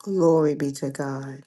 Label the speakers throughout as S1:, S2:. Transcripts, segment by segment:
S1: Glory be to God.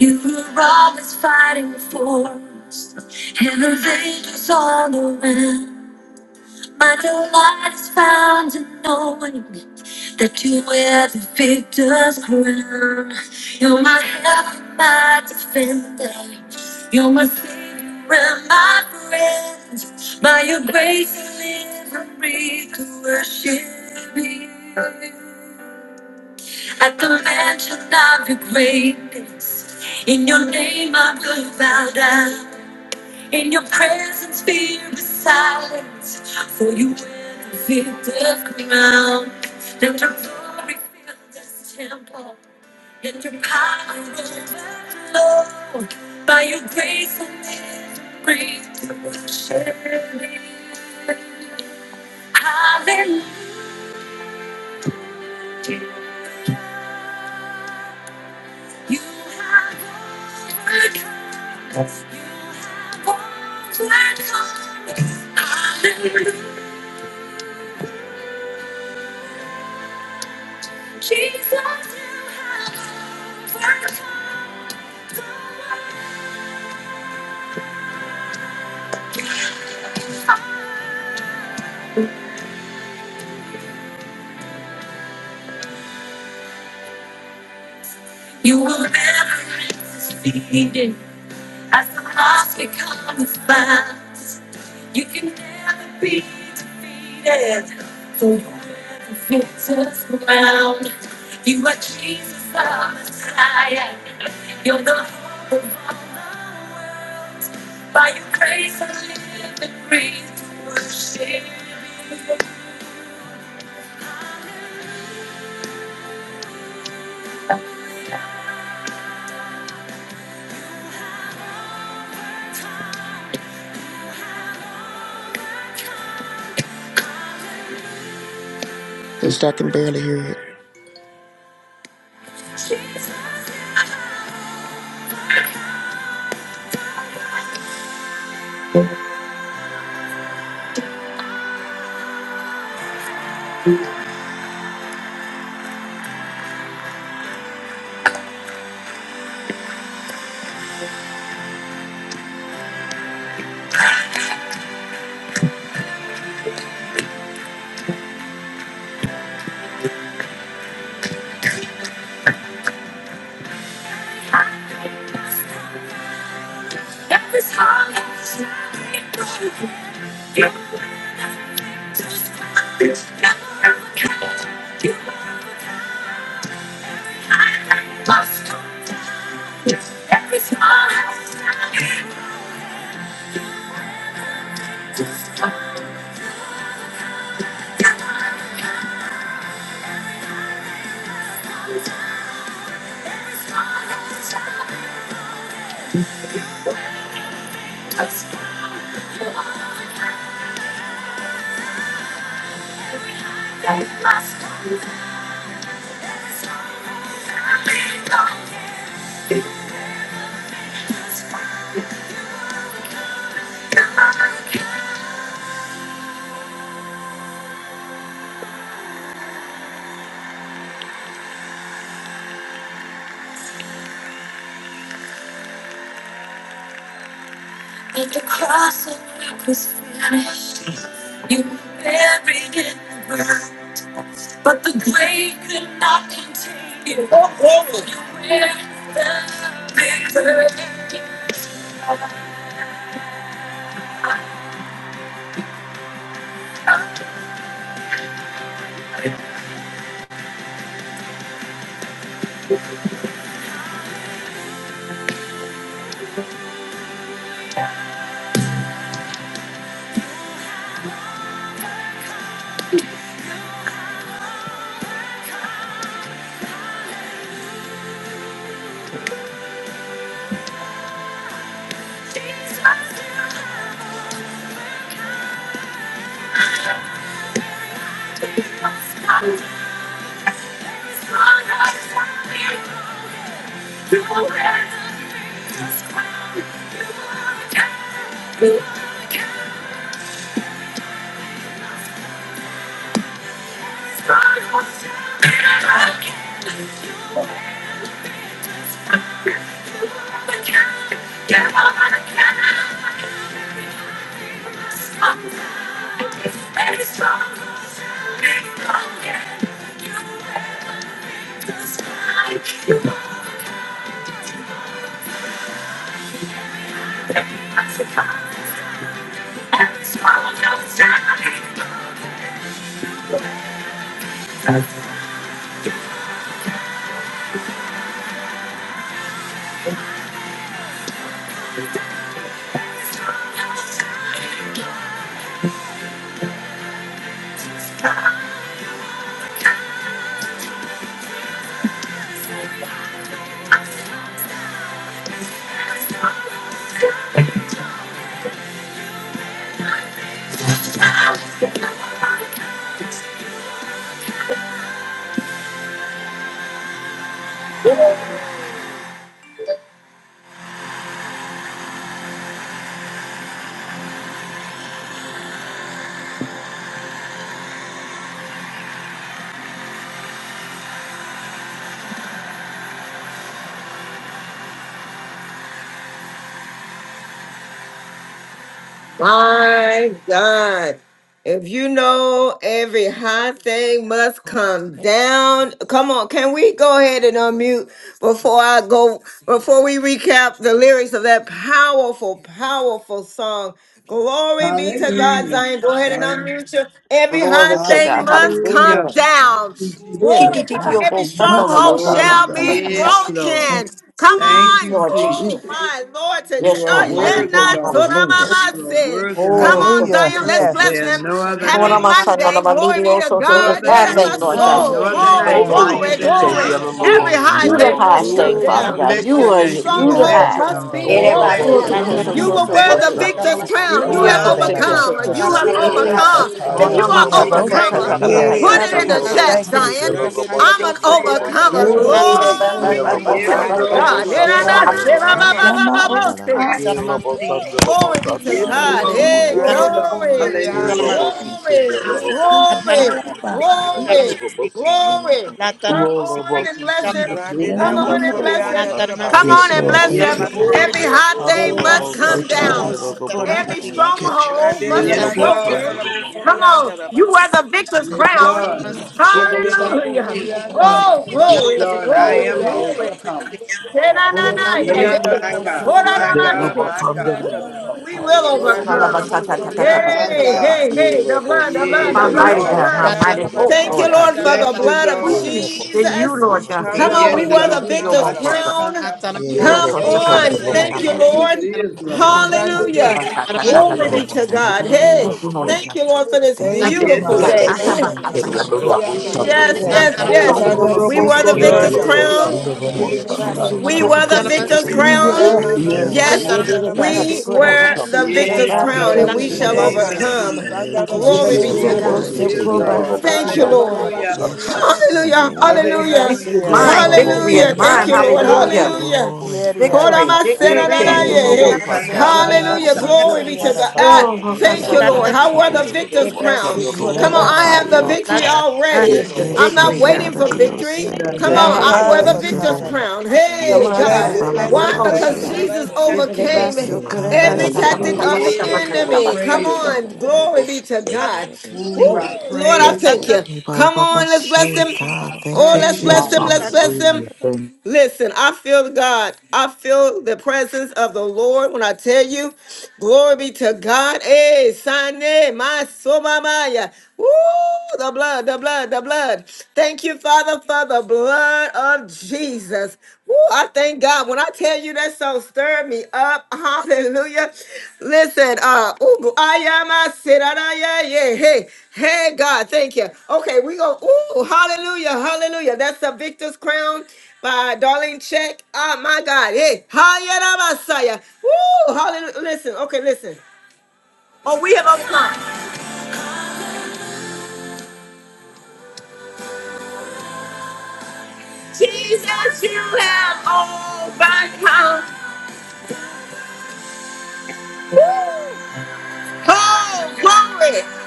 S1: You were always fighting for us, and the is all around. My delight is found in knowing that you wear the victor's crown. You're my help, my defender. You're my savior and my friend. By your grace, I live and breathe to worship you. At the mention of your greatness, in your name I will bow down. In your presence, fear is silence, for you will fill the ground. And your glory fill this temple, and your power overflow. By your grace and mercy, bring to worship. Hallelujah. You have overcome. You have overcome. Hallelujah. Jesus, you have overcome. You will never be defeated. As the cross becomes fast, you can never be defeated. So you are the victor's ground. You are Jesus the Messiah. You're the hope of all the world. By your grace I live and breathe to worship you.
S2: Sister, I can barely hear it.
S1: Jesus, I know every heart is not You never come. You are my master. At the cross, the was finished. You were buried in the earth, but the grave could not contain you. You were the victor. Jesus, you must not die. There is one outside you. You were the victor's crown. You were the king. You were the king's crown. You My God. If you know every high thing must come down. Come on, can we go ahead and unmute before I go before we recap the lyrics of that powerful, powerful song. Glory be to God,
S3: Hallelujah.
S1: Zion. Go ahead and
S3: Hallelujah.
S1: unmute you. Every high
S4: Glory to
S1: thing
S4: God.
S1: must come
S3: Hallelujah.
S4: Hallelujah.
S3: Thank
S1: down.
S3: you, Jesus.
S5: really
S4: Titi
S1: Glory, come
S4: tiki
S1: on.
S5: hot
S1: Every
S4: obo
S5: and
S4: kando na
S5: must
S1: stronghold
S4: basara
S3: Glory.
S5: come
S4: na
S1: shall
S4: basara
S1: be
S5: down
S4: na
S3: Yes, Lord.
S5: and
S1: broken. Come
S3: Thank
S1: on
S4: Yes,
S3: you,
S1: minds.
S4: Lord
S3: Jesus.
S1: Oh,
S5: eat
S4: Jesus.
S1: my Lord, today.
S3: You
S4: Yes,
S3: are
S4: my
S1: Oh, yeah,
S4: mighty
S3: worthy,
S4: God.
S1: not to
S3: Lord.
S1: the
S4: Hallelujah.
S1: mama
S3: You are
S1: say.
S3: worthy,
S1: Come
S4: Oro
S3: Lord.
S1: on,
S4: kosi
S6: Hallelujah.
S1: Zion, let's
S4: kosi
S6: Yes.
S1: bless
S3: There
S4: kosi.
S3: are
S1: him.
S3: no other
S1: Happy
S4: Ora
S3: name,
S7: Latin
S4: masana na
S1: Monday. Glory
S4: manili
S1: be to
S4: also to
S3: no
S4: every
S1: God.
S5: to
S3: other
S4: high
S1: It of
S5: live,
S1: my
S4: thing,
S3: name,
S4: Lord
S5: live,
S4: God.
S3: no
S1: soul.
S3: other
S8: Yellow
S7: La
S1: Glory,
S3: name
S4: Ooh,
S7: tarma
S3: higher
S1: glory,
S3: than the
S7: sikir,
S1: glory.
S3: name of Jesus.
S7: tarma
S1: Every
S4: ooh,
S5: to
S1: high
S4: You the
S5: live,
S1: thing must
S4: highest
S5: live.
S1: come
S4: thing,
S3: Oh,
S6: Ayarabakarayarabatarabasiriyandarabakaraba.
S3: we
S4: Father
S1: down.
S4: God.
S3: bless
S4: You
S3: your
S4: are
S1: Every
S3: name. We
S4: you the
S1: stronghold
S3: bless you,
S4: highest.
S1: must
S3: Lord.
S1: be
S3: We
S9: Shibidi
S3: bless
S4: Oro
S3: you,
S4: to
S1: broken.
S5: Na,
S3: Lord.
S5: na,
S4: koso
S1: You
S3: We
S5: na.
S1: will
S4: koso
S1: wear
S6: Ikiyarabakandarabatarabasiriyaraba.
S3: bless you,
S1: the
S4: koso.
S3: Lord.
S1: victor's
S5: Good
S1: crown. You
S3: We
S4: Oro
S1: have
S3: honor
S4: kosi
S3: you,
S4: kosi
S1: overcome.
S3: Lord. We
S1: You
S6: Andarabakaraba.
S4: kosi.
S1: have
S5: oh,
S3: glorify
S1: overcome.
S3: you.
S1: If
S6: Ah,
S1: you
S4: Ona
S6: we
S1: are
S6: have
S3: We
S4: matata tata
S1: overcomer,
S6: overcome.
S4: tata
S3: magnify you.
S1: Put
S10: Hey,
S4: bahaya
S6: Yes.
S1: it
S4: sa
S1: in
S5: God,
S10: hey,
S1: the
S4: tata
S1: chat,
S10: hey.
S6: Thank
S5: my
S6: you,
S1: Zion.
S5: is
S6: Jesus.
S10: Rande de la
S1: I'm an
S3: I am an
S10: Bosorianda la
S1: overcomer.
S5: really
S3: overcomer.
S10: Basi.
S5: good.
S1: Glory
S11: Oh,
S1: be
S3: Yes,
S10: I
S1: to
S3: Lord.
S1: God.
S10: am
S11: rabababakoshi,
S1: Hey,
S10: an
S1: na, na, shi, ba,
S5: I
S1: ba, ba,
S10: overcomer.
S5: am
S1: ba,
S5: my
S1: ba,
S11: ererebeyasiki,
S1: bo, si.
S5: overcome.
S11: alalabayanda.
S1: Woo, Glory be to
S3: Yes,
S5: He,
S1: God.
S3: Lord.
S5: he
S1: Hey,
S3: Yes,
S5: oh,
S10: Rande de
S11: Shiererebeyasiki,
S3: Lord.
S1: glory,
S10: Bosorianda
S11: alalabayanda.
S10: la
S3: Hallelujah.
S11: Thank
S10: Basi.
S11: you,
S1: glory,
S5: yes,
S11: Jesus.
S5: he
S1: glory,
S11: Thank you,
S5: caliber.
S11: Father,
S1: glory,
S11: that we are
S1: glory. Come
S11: overcomers, oh
S1: on
S11: God,
S1: and
S8: Rolobosita,
S1: bless
S5: He
S1: him.
S5: is
S11: that
S7: si.
S10: Rande
S5: really
S10: de
S11: we've
S5: like
S10: la
S1: Come
S5: my
S1: on
S8: Yelobosanda,
S1: and
S5: Lord.
S1: bless
S7: La
S1: him.
S10: Bosorianda
S11: overcome
S10: la
S8: Robosata,
S7: tarma
S1: Come
S10: Basi.
S1: on
S2: Yes,
S1: and
S10: Que
S2: Lord.
S11: by the
S1: bless
S10: rande de
S2: Thank
S1: him.
S11: blood
S2: you,
S10: la
S11: of
S3: Yes,
S8: Yelobosita,
S11: the
S7: sikir,
S2: Father
S3: Lord.
S11: Lamb
S1: Every
S11: and
S2: God.
S11: the
S10: Bosoria.
S3: Yes,
S1: hot
S11: words
S3: Lord.
S11: of
S1: thing
S11: our
S7: La
S1: must
S2: Glory
S1: come
S2: to
S8: Handelobosata,
S2: your name.
S1: down.
S11: testimonies.
S2: Thank
S1: Every
S11: Oh,
S8: Yelobosita,
S2: you, Jesus.
S1: stronghold
S10: Rande de la
S1: must
S2: Yes,
S1: be
S3: Yes,
S10: Basanda
S3: Lord.
S10: de
S8: Yelobosanda,
S1: broken.
S10: la
S11: rabbabakashiererebeyasiki,
S1: Come
S8: Robosata,
S10: Bosorianda
S1: on,
S10: la
S1: you
S11: alalabayanda.
S10: Basi.
S1: wear the victor's
S2: thank
S8: Yelobosita,
S3: Yes,
S1: crown.
S2: you,
S3: Lord.
S2: Jesus.
S8: Yelobosanda,
S11: Yes,
S10: Rande
S11: Lord.
S10: de la
S8: Robosata,
S1: Hallelujah.
S10: Bocorianda la
S8: Yelobosita,
S1: Oh,
S2: Hallelujah, Jesus.
S3: Yes,
S10: Basande de
S1: glory,
S10: la
S3: Lord. I am
S1: glory,
S3: an
S10: Bosorianda
S8: Yelobosita,
S10: la
S1: glory.
S10: Basi.
S3: overcomer.
S1: Tenanana,
S4: tata.
S1: yeah,
S3: Yeah,
S10: Tianda
S1: hey.
S10: de la
S3: my God. My
S10: Masorianda la
S3: God.
S11: Ora
S1: Oraramaste.
S3: My
S11: baba
S8: Yelobosanda,
S3: God.
S1: Woo,
S10: Bacorianda la
S11: kaya de
S1: We
S8: Robosata, Yelobosita,
S1: will
S3: My
S10: Rande
S11: beyasiki
S10: de la
S3: God.
S1: overcome.
S11: yala bayado
S10: Bosorianda
S3: My
S10: la
S1: Hey,
S10: Basi.
S3: God.
S1: hey,
S4: Alabatatatatatabatatabatabasa.
S11: shiye de
S1: hey, the blood, the
S11: beyasata
S3: Yeah,
S1: blood,
S4: My
S1: the
S3: the
S4: mighty
S1: blood, the
S3: Lord.
S4: God, my
S1: blood.
S8: Yelobosanda,
S11: shiye
S4: mighty
S11: de
S4: hope,
S1: Thank
S4: Lord
S1: you,
S4: God.
S1: Lord, for
S11: beyasiki
S1: the
S3: Bless
S11: yala
S3: you,
S1: blood
S10: Randeramasandaramasoreandarabaso.
S1: of
S4: We
S3: Lord.
S11: bayada la
S4: trust in
S11: baya.
S4: you,
S1: Jesus.
S4: Lord
S2: Yes,
S4: God.
S11: Thank
S1: Come
S11: you
S2: Jesus.
S11: for
S1: on, we
S11: your
S3: Yes,
S1: were
S11: blood.
S1: the
S3: Lord.
S1: victor's
S10: Ikandaramasoreandarabas.
S8: Robosata,
S4: Ekekeredididiyomokosa.
S1: crown.
S3: Ashakanda
S8: Ye
S11: Thank you,
S3: Bashike.
S1: Come
S2: Yes,
S8: lobo
S10: Thank
S12: Yeah,
S2: Father.
S10: you,
S8: shanda
S11: Jesus.
S1: on.
S8: lobo
S10: thank
S11: Glory
S1: Thank
S11: to
S10: you,
S4: Orokosakasakananama.
S1: you,
S8: kata
S10: thank
S3: Jesus
S10: you.
S1: Lord.
S3: is
S8: lobo
S2: Glory
S3: Lord.
S11: God.
S2: to your name,
S1: Hallelujah.
S2: Father.
S8: shanda
S1: Glory be
S8: lobo
S2: Thank you,
S1: to
S10: Randeramasoreandarabas.
S4: Alabatatatabatatatatabatabasa.
S1: God.
S8: kata
S2: Jesus.
S13: Hallelujah!
S1: Hey,
S4: Thank you,
S8: lobo
S4: Holy
S1: thank you,
S4: Ghost.
S1: Lord, for this
S13: Thank
S10: Thank
S13: you,
S4: Thank
S10: you,
S4: you,
S3: Yes,
S4: Lord
S8: ye
S1: beautiful
S4: God.
S10: Father.
S1: day.
S3: Lord.
S8: lobo
S13: Jesus. Thank
S8: ye
S13: you,
S2: Yes,
S13: Lord.
S2: Lord.
S4: Atabakasakanabiyo.
S8: lobo
S2: Yes,
S8: shanda
S2: Lord.
S10: Randeramasoreandarabas.
S1: Yes,
S8: lobo
S6: Yes.
S1: yes,
S2: Thank you,
S13: Glory to
S8: kata
S2: Father.
S1: yes.
S13: your
S6: Hallelujah.
S3: Oh,
S4: Orokosakanabiyo.
S13: name,
S1: We were
S13: God.
S1: the
S8: ye
S3: Jesus
S6: Glory
S1: victor's
S6: to
S8: lobo
S3: is
S6: your
S10: Ikandaramasoreandarabas.
S1: crown.
S6: name,
S8: shanda
S3: Lord.
S5: Thank
S13: We
S6: God.
S13: wear
S8: lobo
S13: the
S2: Yes,
S8: kata
S13: crown, oh
S8: ye
S2: Jesus.
S1: We were
S13: God.
S8: lobo
S1: the
S4: Orokosakanabiyo.
S3: Oh,
S1: victor's
S7: tarma,
S3: yes,
S6: We
S13: Hallelujah.
S1: crown.
S3: Lord.
S6: wear
S11: Shia
S4: Orokosakanabiyo.
S8: ye
S9: I
S6: big
S2: Yes,
S13: Yes,
S1: Yes,
S8: lobo
S9: have
S2: Lord.
S13: Lord.
S6: pride.
S1: we
S9: the
S13: Yes,
S11: Yes, Lord
S13: Lord.
S1: were
S8: shanda
S10: Ramamasoreandaramasekerobos.
S1: the
S11: Jesus.
S8: lobo
S3: Yes,
S1: victor's
S6: I
S8: kata
S1: crown,
S13: Thank
S6: wear
S13: you,
S11: Glory,
S3: Lord,
S6: the
S1: and
S3: in
S1: we
S3: the
S1: shall
S11: glory.
S3: name
S2: Yes,
S3: of
S2: glory.
S13: Jesus.
S1: overcome.
S3: Jesus.
S5: you.
S11: Oh,
S2: Thank you,
S1: Glory
S13: Yes,
S8: ye lobo ye
S1: be
S2: Jesus.
S1: to
S2: We
S13: God.
S8: lobo
S11: Rababakashie,
S1: God.
S3: Jesus
S2: will
S10: Ikandaramasandaramasoreandarabas.
S8: shanda
S13: Thank
S3: is
S13: you,
S2: overcome.
S6: thank you.
S8: lobo
S13: Lord.
S3: Lord.
S8: kata ye
S1: Thank
S8: lobo
S1: you,
S11: Rerebeyasikia,
S8: shanda
S1: Lord.
S8: lobo
S3: Hallelujah.
S11: Lalabayata.
S2: Yes,
S8: kata
S13: Bless us in
S2: Jesus.
S13: your
S10: Rabababasoreandarabas.
S1: Hallelujah.
S13: name,
S11: Thank
S13: oh
S11: you,
S13: God.
S1: Hallelujah.
S4: Victory
S3: Hallelujah.
S4: is
S11: Jesus.
S8: ye
S11: Thank
S4: mine.
S11: you,
S8: lobo
S6: Ikiyarabakarayaraba.
S4: Victory is
S1: Hallelujah.
S11: Lord.
S8: shanda
S13: Hallelujah.
S1: Thank
S4: mine.
S1: you,
S8: lobo
S1: Lord.
S4: Hallelujah.
S3: Hallelujah.
S11: Thank you,
S1: Hallelujah.
S13: Glory,
S11: Father.
S13: hallelujah.
S4: Victory,
S3: Seke
S6: Yeriyarabakandaraba.
S2: Yes,
S11: Shayalalabayasoko.
S3: busho
S1: Horamasenadadaye.
S2: Lord.
S4: victory.
S8: kata
S13: Bless
S8: ye
S13: your
S3: kanala
S13: name,
S3: la
S1: Hallelujah.
S8: lobo
S3: sata.
S1: Glory be to
S13: Jesus.
S1: God.
S11: Shierebeyasikia,
S1: Ah,
S4: Oh,
S13: We
S6: Ikiyarabakaraba.
S1: thank
S3: Lord,
S1: you,
S4: Hokasaka.
S11: Lalabayahaya.
S1: Lord. I
S13: acknowledge you,
S1: wear the
S13: Lord.
S1: victor's
S11: My God,
S1: crown.
S13: We
S11: thank you,
S1: Come on, I
S13: glorify
S1: have
S11: Jesus.
S1: the
S13: you, O
S1: victory
S6: Ikiarabakaraba,
S13: God.
S1: already.
S2: Yes, Lord.
S1: I'm
S11: Mm.
S1: not
S9: victory
S2: Yes.
S9: now.
S1: waiting for
S13: Ishandadadadiose.
S3: in
S1: victory.
S3: the
S1: Come
S9: Ha
S2: Yes,
S1: on,
S9: ha.
S1: I
S2: Lord.
S3: name
S1: wear
S3: of
S1: the
S8: Hallelujah.
S3: Jesus. In the name of
S13: Thank
S11: Yes,
S13: you,
S11: Lord
S1: victor's
S3: Jesus.
S13: Lord.
S6: harabakarabakaba,
S1: crown.
S11: Jesus. Thank you,
S2: Yes,
S1: Hey,
S10: Oh,
S11: Lord.
S9: Come
S13: E
S10: bless
S1: God.
S10: him,
S2: Jesus.
S13: Baba
S10: bless
S4: Woo,
S1: Why?
S10: him,
S13: Baba
S4: Glory
S13: She.
S11: Oh,
S3: Hallelujah.
S10: bless
S1: Because
S10: him,
S4: to
S3: Thank
S10: bless
S1: Jesus
S10: him.
S3: you,
S13: E
S11: Rababakashie,
S3: Jesus.
S2: Yes,
S1: overcame
S2: Lord.
S12: yeah.
S1: every
S11: Rerebeyasikia,
S2: Thank you,
S9: on.
S1: tactic
S2: Father.
S1: of
S11: Lalabayahaya.
S1: the
S13: Kandadadadiose.
S3: Yes, I
S1: enemy. Come
S11: Shia
S3: praise
S11: la
S1: on,
S11: la
S5: Thank
S4: God.
S11: baya,
S1: glory be to
S11: soko ye de
S1: God.
S11: de
S3: you.
S11: beya, da
S1: Woo,
S3: Ooh,
S5: you.
S11: la la
S3: I
S1: Lord,
S12: Oh
S1: I
S11: baya.
S3: praise
S2: Yes,
S3: you.
S1: thank you.
S2: Lord.
S13: E Baba
S1: Come
S13: Baba
S11: Thank
S1: on, let's
S11: you,
S1: bless
S13: She.
S1: him.
S11: Jesus.
S13: God, thank
S1: Oh,
S13: you,
S1: let's
S3: Praise.
S2: Yes,
S1: bless him. Let's
S13: Jesus.
S2: Jesus.
S1: bless him.
S12: shit!
S11: Arababakoshiyerebeyandarara.
S8: Thank
S1: Listen, I feel God. I feel the presence of the Lord when I tell you, glory be to God. Hey, Sane, my somamaya. Woo, the blood, the blood, the blood. Thank you, Father, for the blood of Jesus. Woo, I thank God. When I tell you that song stirred me up, hallelujah. Listen, uh, ooh, I am a sinner, yeah, yeah, hey, hey, God, thank you. Okay, we go, ooh, hallelujah, hallelujah. That's the victor's crown by Darlene Check. Oh my God. Hey, Hayana Messiah. Woo! Hallelujah. Listen, okay, listen. Oh, we have overcome. Oh, ba- woo! Oh, glory.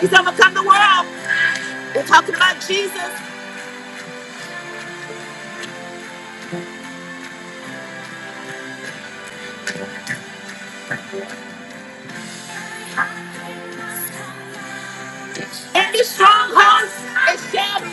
S1: He's overcome the world. We're talking about Jesus. Any strongholds, it shall be.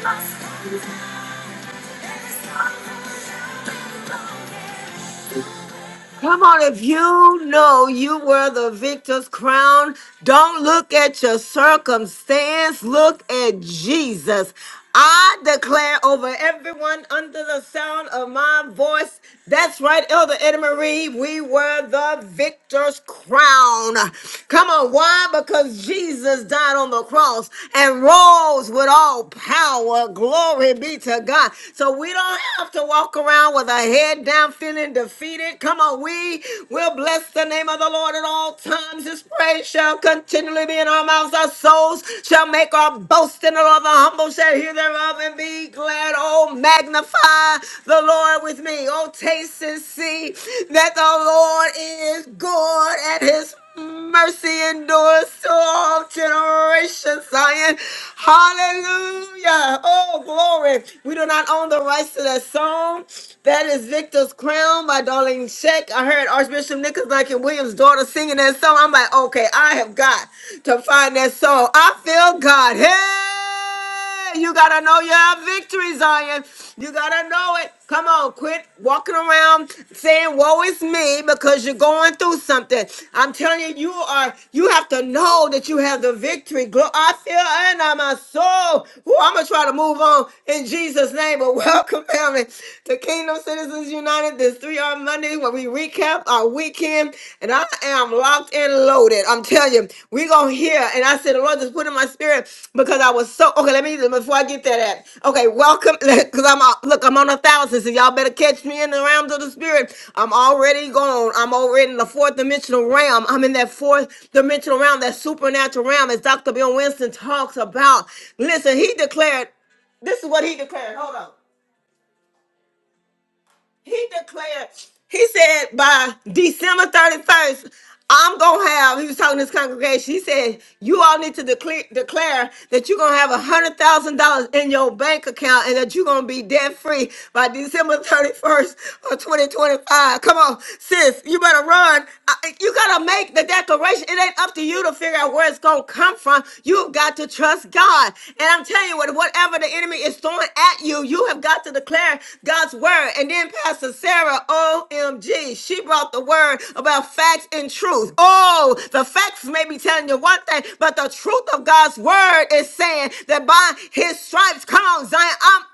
S1: broken. Come on, if you know you were the victor's crown, don't look at your circumstance, look at Jesus. I declare over everyone under the sound of my voice. That's right, Elder Edna Marie. We were the victor's crown. Come on, why? Because Jesus died on the cross and rose with all power. Glory be to God. So we don't have to walk around with our head down not feeling defeated. Come on, we will bless the name of the Lord at all times. His praise shall continually be in our mouths. Our souls shall make our boast in the Lord. The humble shall hear thereof and be glad. Oh, magnify the Lord with me. Oh, taste and see that the Lord is good and his Mercy endures to all generations, Zion. Hallelujah. Oh, glory. We do not own the rights to that song. That is Victor's Crown by Darlene Sheck. I heard Archbishop Nicholas Duncan Williams' daughter singing that song. I'm like, okay, I have got to find that song. I feel God. Hey! You gotta know your victory, Zion. You gotta know it. Come on, quit walking around saying, Woe is me, because you're going through something. I'm telling you, you are you have to know that you have the victory. Glo- I feel and I'm a soul. Ooh, I'm gonna try to move on in Jesus' name. But welcome, family, to Kingdom Citizens United. This three-hour Monday where we recap our week weekend, and I am locked and loaded. I'm telling you, we're going to hear. And I said, the Lord, just put in my spirit because I was so, okay, let me, before I get to At okay, welcome, because I'm, a- look, I'm on a thousand, so y'all better catch me in the realms of the spirit. I'm already gone. I'm already in the fourth dimensional realm. I'm in that fourth dimensional realm, that supernatural realm, as Dr. Bill Winston talks about. Listen, he declared, this is what he declared. Hold on. He declared, he said by December 31st, I'm gonna have, he was talking to his congregation. He said, You all need to declare, declare that you're gonna have a hundred thousand dollars in your bank account and that you're gonna be debt free by December 31st of 2025. Come on, sis, you better run. I- You gotta make the declaration. It ain't up to you to figure out where it's gonna come from. You've got to trust God. And I'm telling you what, whatever the enemy is throwing at you, you have got to declare God's God's word. And then Pastor Sarah, OMG, she brought the word about facts and truth. Oh, the facts may be telling you one thing, but the truth of God's word is saying that by his stripes, come on, Zion, I'm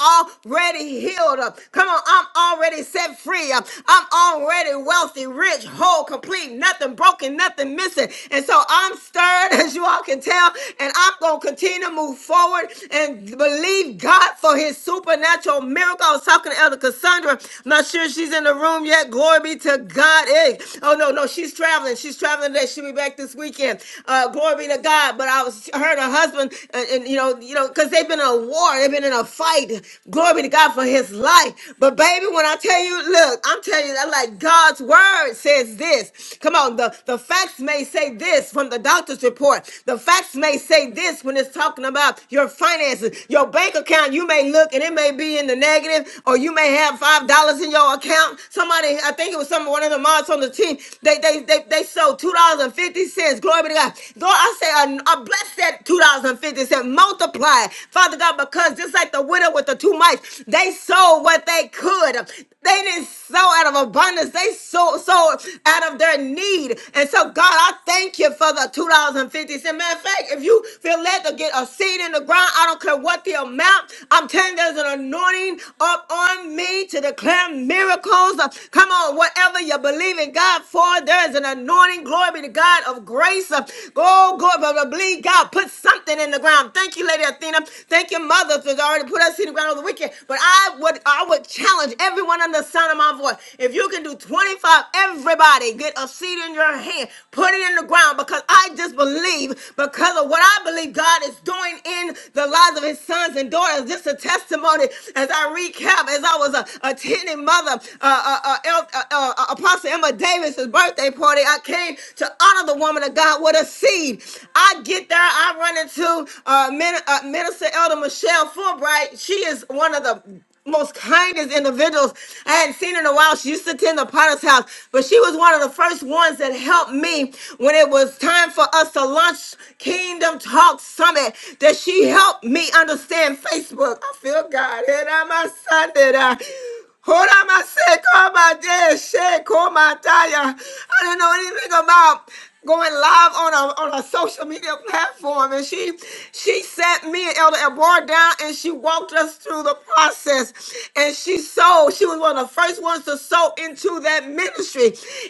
S1: already healed up. Come on, I'm already set free up. I'm already wealthy, rich, whole, complete, nothing broken, nothing missing. And so I'm stirred, as you all can tell, and I'm going to continue to move forward and believe God for his supernatural miracles miracle. I was talking to Elder Cassandra. Not sure if she's in the room yet. Glory be to God. Hey, oh no, no, she's traveling. She's traveling today. She'll be back this weekend. Uh, glory be to God. But I was her and her husband, and, and, you know, you know, because they've been in a war, they've been in a fight. Glory be to God for his life. But baby, when I tell you, look, I'm telling you, that like God's word says this. Come on, the, the facts may say this from the doctor's report. The facts may say this when it's talking about your finances, your bank account. You may look and it and it may be in the negative, or you may have five dollars in your account. Somebody, I think it was some one of the moms on the team, they they they, they sold two dollars and fifty cents. Glory be to God. Lord, I say I, I bless that two dollars and fifty cents. Multiply, Father God, because just like the widow with the two mites, they sold what they could. They didn't sow out of abundance. They sold, sold out of their need. And so, God, I thank you for the $2.50. Matter of fact, if you feel led to get a seed in the ground, I don't care what the amount, out. I'm telling you, there's an anointing up on me to declare miracles. Uh, Come on, whatever you believe in God for, there is an anointing. Glory be to God of grace. Uh, Oh, glory, but believe God put something in the ground. Thank you, Lady Athena. Thank you, Mother, for already put us in the ground over the weekend. But I would, I would challenge everyone under the sound of my voice. If you can do 25, everybody get a seed in your hand, put it in the ground because I just believe because of what I believe God is doing in the lives lives of his sons and daughters. Just a testimony as I recap, as I was uh, attending Mother uh, uh, uh, uh, uh, uh, Apostle Emma Davis's birthday party, I came to honor the woman of God with a seed. I get there, I run into uh, Min- uh, Minister Elder Michelle Fulbright. She is one of the most kindest individuals I hadn't seen in a while. She used to attend the Potter's house, but she was one of the first ones that helped me when it was time for us to launch Kingdom Talk Summit. That she helped me understand Facebook. I feel God. And I'm a Sunday. Horamasekomadeshekomataya. I didn't know anything about going live on a on a social media platform and she she sat me and Elder Abroad down and she walked us through the process and she sold she was one of the first ones to sow into that ministry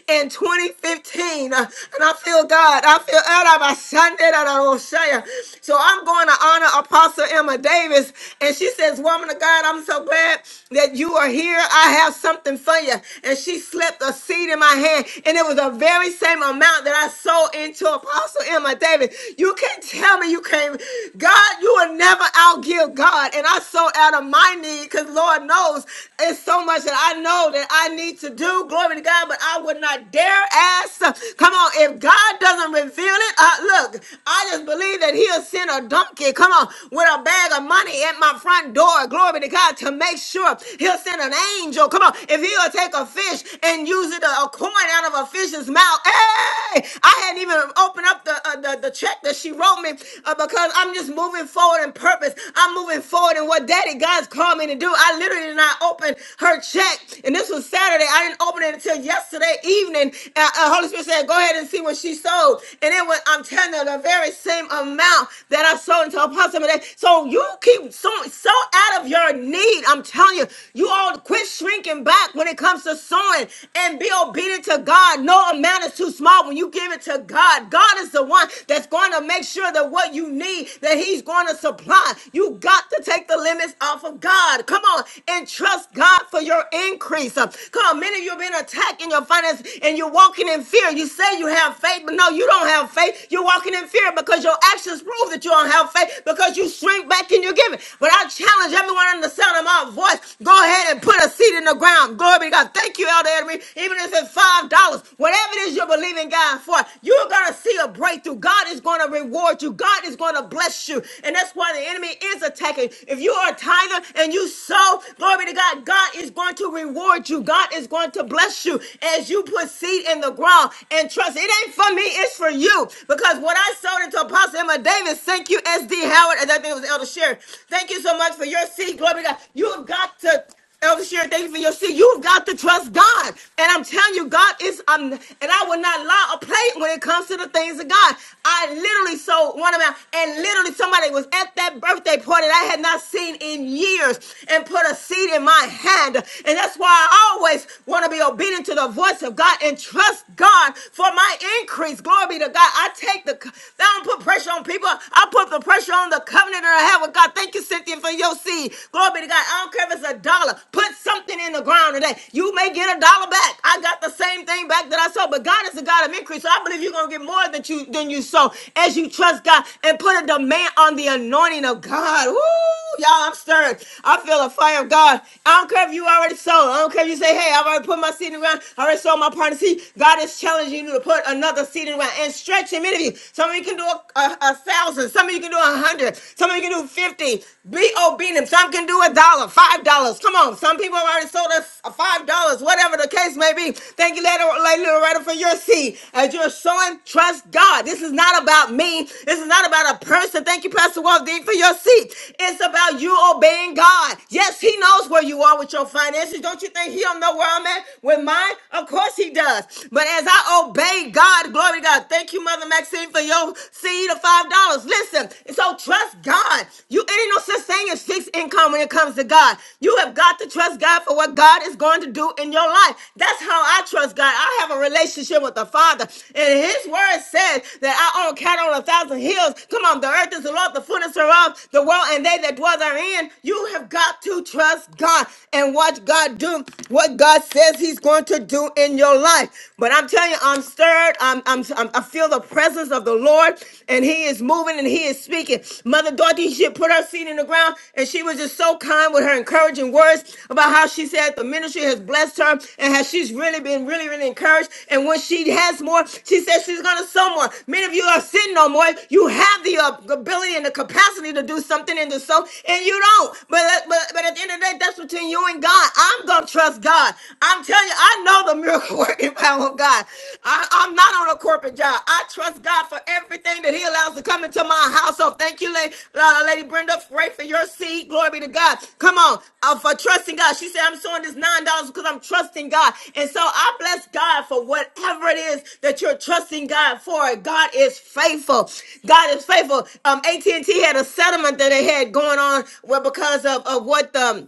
S1: in 2015 Uh, and I feel God I feel out of my Sunday that I will share so I'm going to honor Apostle Emma Davis and she says woman of God I'm so so glad that you are here. I have something for you. And she slipped a seed in my hand, and it was the very same amount that I sold into Apostle Emma David. You can't tell me you can't. God, you will never outgive God. And I sold out of my need because Lord knows it's so much that I know that I need to do. Glory to God, but I would not dare ask. Come on, if God doesn't reveal it, uh, look, I just believe that He'll send a donkey. Come on, with a bag of money at my front front door, glory to God, to make sure he'll send an angel. Come on, if he'll take a fish and use it, a coin out of a fish's mouth. Hey, I hadn't even opened up the, uh, the, the check that she wrote me uh, because I'm just moving forward in purpose. I'm moving forward in what Daddy God's called me to do. I literally did not open her check, and this was Saturday. I didn't open it until yesterday evening. Uh, uh, Holy Spirit said, "Go ahead and see what she sold," and it was I'm telling you the very same amount that I sold into Apostle. Mede. So you keep so so out of your need. I'm telling you, you all quit shrinking back when it comes to sowing and be obedient to God. No amount is too small when you give it to God. God is the one that's going to make sure that what you need that He's going to supply. You got to take the limits off of God. Come on and trust God for your increase. Uh, Come on, many of you have been attacked in your finances and you're walking in fear. You say you have faith, but no, you don't have faith. You're walking in fear because your actions prove that prove that you don't have faith because you shrink back in your giving. But I challenge everyone on the sound of my voice. Go ahead and put a seed in the ground. Glory be to God. Thank you, Elder Henry. Even if it's five dollars, whatever it is you're believing God for, you're gonna see a breakthrough. God is gonna reward you. God is gonna bless you. And that's why the enemy is attacking. If you are a tither and you sow, glory be to God, God is going to reward you. God is going to bless you as you put seed in the ground and trust. It ain't for me, it's for you. Because what I Sold into Apostle Emma Davis. Thank you, SD Howard. And I think it was Elder Sharon. Thank you so much for your seed. Glory to God. You've got to. Elder Sharon, thank you for your seed. You've got to trust God. And I'm telling you, God is, um, and I will not lie or play when it comes to the things of God. I literally sold one of my, and literally somebody was at that birthday party that I had not seen in years and put a seed in my hand. And that's why I always want to be obedient to the voice of God and trust God for my increase. Glory Glory be to God. I take the, I don't put pressure on people. I put the pressure on the covenant that I have with God. Thank you, Cynthia, for your seed. Glory be to God. I don't care if it's a dollar. Put something in the ground today. You may get a dollar back. I got the same thing back that I sold, but God is a God of increase. So I believe you're going to get more than you, than you sow as you trust God and put a demand on the anointing of God. Woo! Y'all, I'm stirred. I feel a fire of God. I don't care if you already sold. I don't care if you say, hey, I've already put my seed in the ground. I already sold my part of the seed. God is challenging you to put another seed in the ground and stretch him into you. Some of you can do a, a, a thousand. Some of you can do a hundred. Some of you can do 50. Be obedient. Some can do a dollar, five dollars. Come on. Some people have already sold us a five dollars, whatever the case may be. Thank you, Lady Lady Loretta, for your seed. As you're sowing, Trust God. This is not about me. This is not about a person. Thank you, Pastor Waldean, for your seat. It's about you obeying God. Yes, He knows where you are with your finances. Don't you think He don't know where I'm at with mine? Of course He does. But as I obey God, glory to God. Thank you, Mother Maxine, for your seed of five dollars. Listen, so trust God. You it ain't no such thing as fixed income when it comes to God. You have got to trust God for what God. God is going to do in your life. That's how I trust God. I have a relationship with the Father. And His word says that I own cattle on a thousand hills. Come on, the earth is the Lord, the fullness thereof, the world, and they that dwell therein. You have got to trust God and watch God do what God says He's going to do in your life. But I'm telling you, I'm stirred. I'm, I'm, I'm- I feel the presence of the Lord, and He is moving and He is speaking. Mother Dorothy, she had put her seed in the ground and she was just so kind with her encouraging words about how she said the ministry has blessed her and how she's really been really, really encouraged. And when she has more, she says she's going to sow more. Many of you are sitting on more. You have the uh, ability and the capacity to do something and to sow, and you don't. But, uh, but, but at the end of the day, that's between you and God. I'm going to trust God. I'm telling you, I know the miracle working power of God. I, I'm not on a corporate job. I trust God for everything that He allows to come into my household. Thank you, Lady, uh, Lady Brenda, right for your seed. Glory be to God. Come on, uh, for trusting God. She said, I'm sowing this nine dollars because I'm trusting God. And so I bless God for whatever it is that you're trusting God for. God is faithful. God is faithful. Um, AT&T had a settlement that they had going on, well, because of, of what the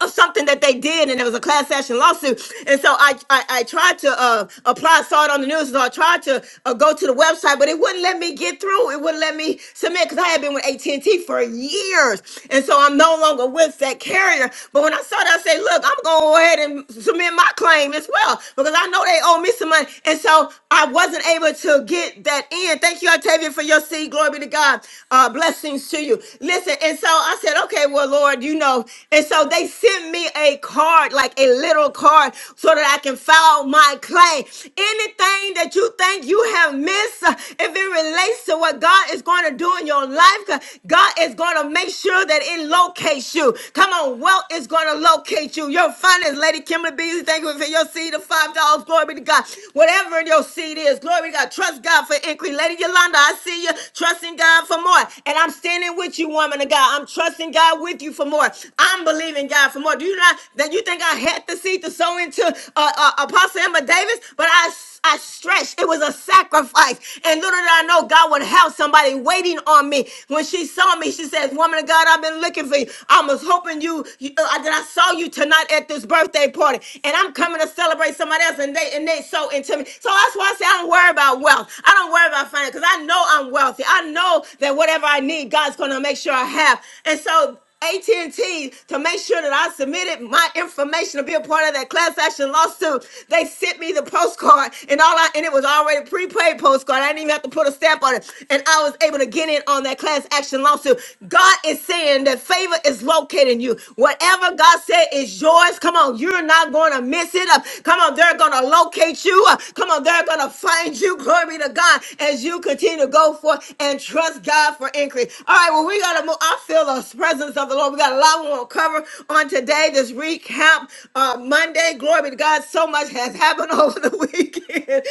S1: of something that they did, and it was a class action lawsuit. And so I, I, I tried to uh, apply, saw it on the news, so I tried to uh, go to the website, but it wouldn't let me get through. It wouldn't let me submit because I had been with AT and T for years, and so I'm no longer with that carrier. But when I saw that, I said, "Look, I'm going to go ahead and submit my claim as well because I know they owe me some money." And so I wasn't able to get that in. Thank you, Octavia, for your seed. Glory be to God. Uh, blessings to you. Listen, and so I said, "Okay, well, Lord, you know." And so and so they sent me a card, like a little card, so that I can file my claim. Anything that you think you have missed, uh, if it relates to what God is going to do in your life, uh, God is going to make sure that it locates you. Come on, wealth is going to locate you. Your finance, Lady Kimberly Beasley, thank you for your seed of $5. dollars. Glory be to God. Whatever your seed is, glory be to God. Trust God for increase. Lady Yolanda, I see you trusting God for more. And I'm standing with you, woman of God. I'm trusting God with you for more. I'm believing God for more. Do you not that you think I had the seed to sow into uh, uh, Apostle Emma Davis? But I I stretched. It was a sacrifice. And little did I know God would have somebody waiting on me. When she saw me, she says, Woman of God, I've been looking for you. I was hoping you, you uh, that I saw you tonight at this birthday party. And I'm coming to celebrate somebody else. And they and they so into me. So that's why I say I don't worry about wealth. I don't worry about finance because I know I'm wealthy. I know that whatever I need, God's gonna make sure I have. And so AT&T to make sure that I submitted my information to be a part of that class action lawsuit. They sent me the postcard and all I and it was already prepaid postcard. I didn't even have to put a stamp on it. And I was able to get in on that class action lawsuit. God is saying that favor is locating you. Whatever God said is yours. Come on, you're not going to miss it up. Come on, they're going to locate you. Uh, Come on, they're going to find you. Glory be to God as you continue to go forth and trust God for increase. All right, well, we got to move. I feel us the presence of the Lord. We got a lot we want to cover on today, this recap uh, Monday. Glory be to God. So much has happened over the weekend. And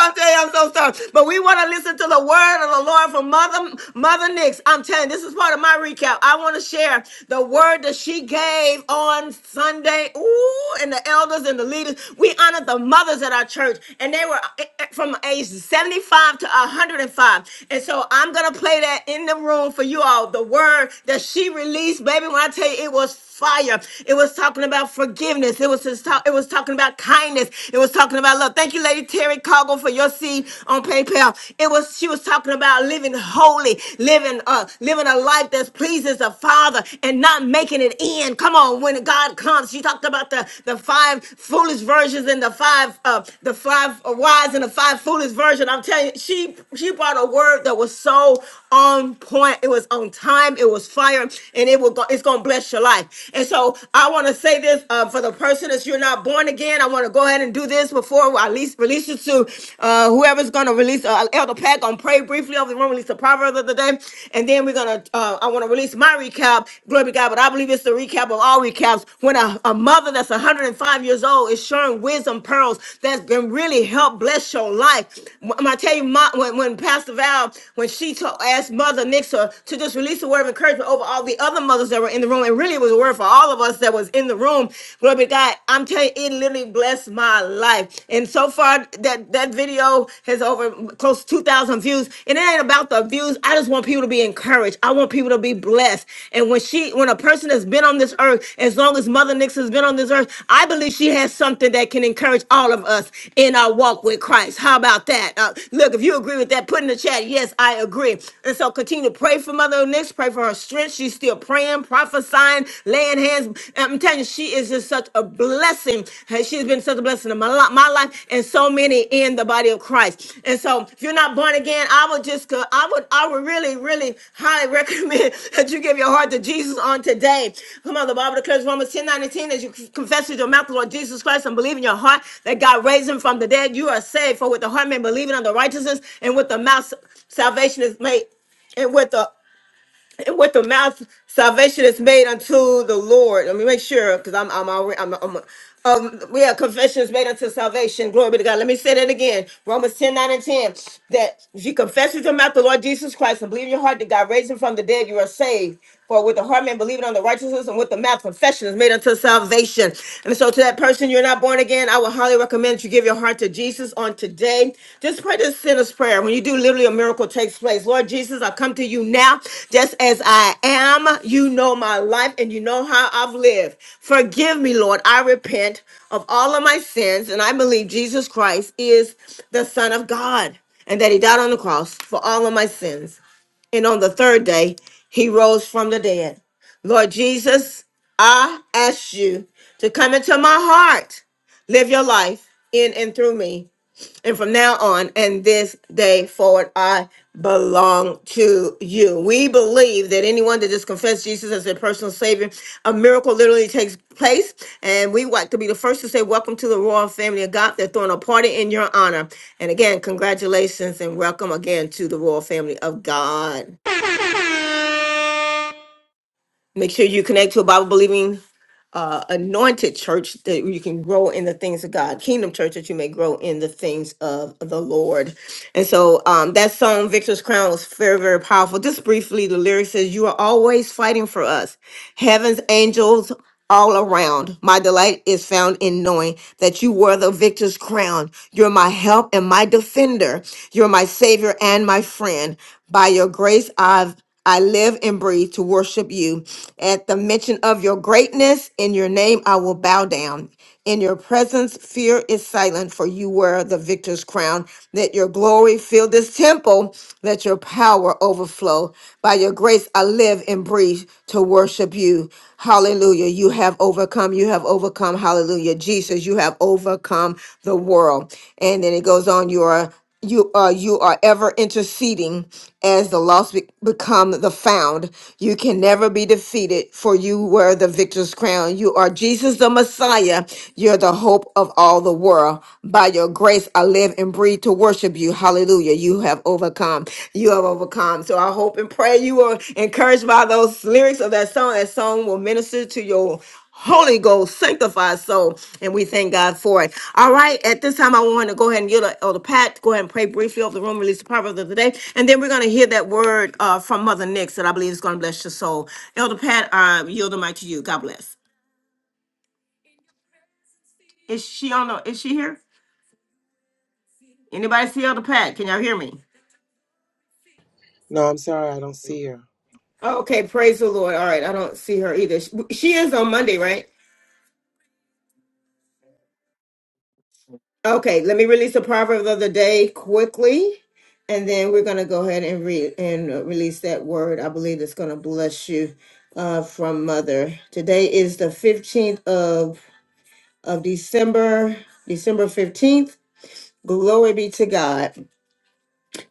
S1: I'm telling you, I'm so sorry. But we want to listen to the word of the Lord from Mother, Mother Nix. I'm telling you, this is part of my recap. I want to share the word that she gave on Sunday. Ooh, and the elders and the leaders. We honored the mothers at our church, and they were eh, eh, from age 75 to 105. And so I'm going to play that in the room for you all. The word word that she released, baby. When I tell you it was fire, it was talking about forgiveness. It was just talk, it was talking about kindness. It was talking about love. Thank you, Lady Terry Cargo, for your seed on PayPal. It was she was talking about living holy, living uh living a life that pleases the Father and not making it in. Come on, when God comes, she talked about the the five foolish versions and the five uh the five wise and the five foolish version. I'm telling you, she she brought a word that was so on point. It was on time time. It was fire, and it will go, it's gonna bless your life. And so I want to say this uh, for the person that you're not born again. I want to go ahead and do this before I release release you to uh, whoever's gonna release uh, Elder Pack. I'm pray briefly over the room, release the proverb of the day, and then we're gonna. Uh, I want to release my recap. Glory be to God, but I believe it's the recap of all recaps. When a, a mother that's 105 years old is sharing wisdom pearls that can really help bless your life. When I tell you, my, when, when Pastor Val, when she told, asked Mother Nixon to just release a word of encouragement over all the other mothers that were in the room. And really, it was a word for all of us that was in the room. Glory be to God. I'm telling you, it literally blessed my life. And so far, that, that video has over close to 2,000 views. And it ain't about the views. I just want people to be encouraged. I want people to be blessed. And when she, when a person has been on this earth, as long as Mother Nix has been on this earth, I believe she has something that can encourage all of us in our walk with Christ. How about that? Uh, look, if you agree with that, put in the chat, yes, I agree. And so continue continue to pray for Mother Onyx, pray for her strength. She's still praying, prophesying, laying hands. I'm telling you, she is just such a blessing. Hey, She's been such a blessing in my, li- my life and so many in the body of Christ. And so if you're not born again, I would just, go- I would, I would really, really highly recommend that you give your heart to Jesus on today. Come on, the Bible declares Romans 10, nine and ten, as you confess with your mouth the Lord Jesus Christ and believe in your heart that God raised him from the dead, you are saved. For with the heart man believing on the righteousness and with the mouth salvation is made and with the and with the mouth salvation is made unto the Lord. Let me make sure because I'm I'm already I'm, I'm um yeah confession is made unto salvation. Glory be to God. Let me say that again. Romans ten nine and 10. That if you confess with your mouth the Lord Jesus Christ and believe in your heart that God raised him from the dead, you are saved. For with the heart man believing on the righteousness and with the mouth confession is made unto salvation. And so to that person, you're not born again, I would highly recommend that you give your heart to Jesus on today. Just pray this sinner's prayer. When you do, literally a miracle takes place. Lord Jesus, I come to you now just as I am. You know my life and you know how I've lived. Forgive me, Lord. I repent of all of my sins and I believe Jesus Christ is the Son of God and that he died on the cross for all of my sins and on the third day he rose from the dead. Lord Jesus, I ask you to come into my heart, live your life in and through me. And from now on and this day forward, I belong to you. We believe that anyone that just confesses Jesus as their personal savior, a miracle literally takes place. And we want to be the first to say, Welcome to the royal family of God. They're throwing a party in your honor. And again, congratulations and welcome again to the royal family of God. Make sure you connect to a Bible believing, uh, anointed church that you can grow in the things of God, kingdom church that you may grow in the things of the Lord. And so um, that song, Victor's Crown, was very, very powerful. Just briefly, the lyric says, You are always fighting for us. Heaven's angels all around. My delight is found in knowing that you were the victor's crown. You're my help and my defender. You're my savior and my friend. By your grace, I've I live and breathe to worship you. At the mention of your greatness, in your name, I will bow down. In your presence, fear is silent, for you wear the victor's crown. Let your glory fill this temple. Let your power overflow. By your grace, I live and breathe to worship you. Hallelujah. You have overcome. You have overcome. Hallelujah. Jesus, you have overcome the world. And then it goes on, you are you uh you are ever interceding as the lost be- become the found you can never be defeated for you wear the victor's crown you are jesus the messiah you're the hope of all the world by your grace i live and breathe to worship you hallelujah you have overcome you have overcome so i hope and pray you are encouraged by those lyrics of that song that song will minister to your Holy Ghost, sanctify us soul, and we thank God for it. All right, at this time, I want to go ahead and yield to Elder Pat to go ahead and pray briefly over the room, release the proverb of the day, and then we're going to hear that word uh, from Mother Nix that I believe is going to bless your soul. Elder Pat, I yield the mic to you. God bless. Is she on? The, is she here? Anybody see Elder Pat? Can y'all hear me?
S10: No, I'm sorry, I don't see her.
S1: Okay, praise the Lord. All right, I don't see her either. She she is on Monday, right? Okay, let me release the proverb of the day quickly, and then we're going to go ahead and read and uh, release that word. I believe it's going to bless you uh, from Mother. Today is the fifteenth of of December, December fifteenth. Glory be to God.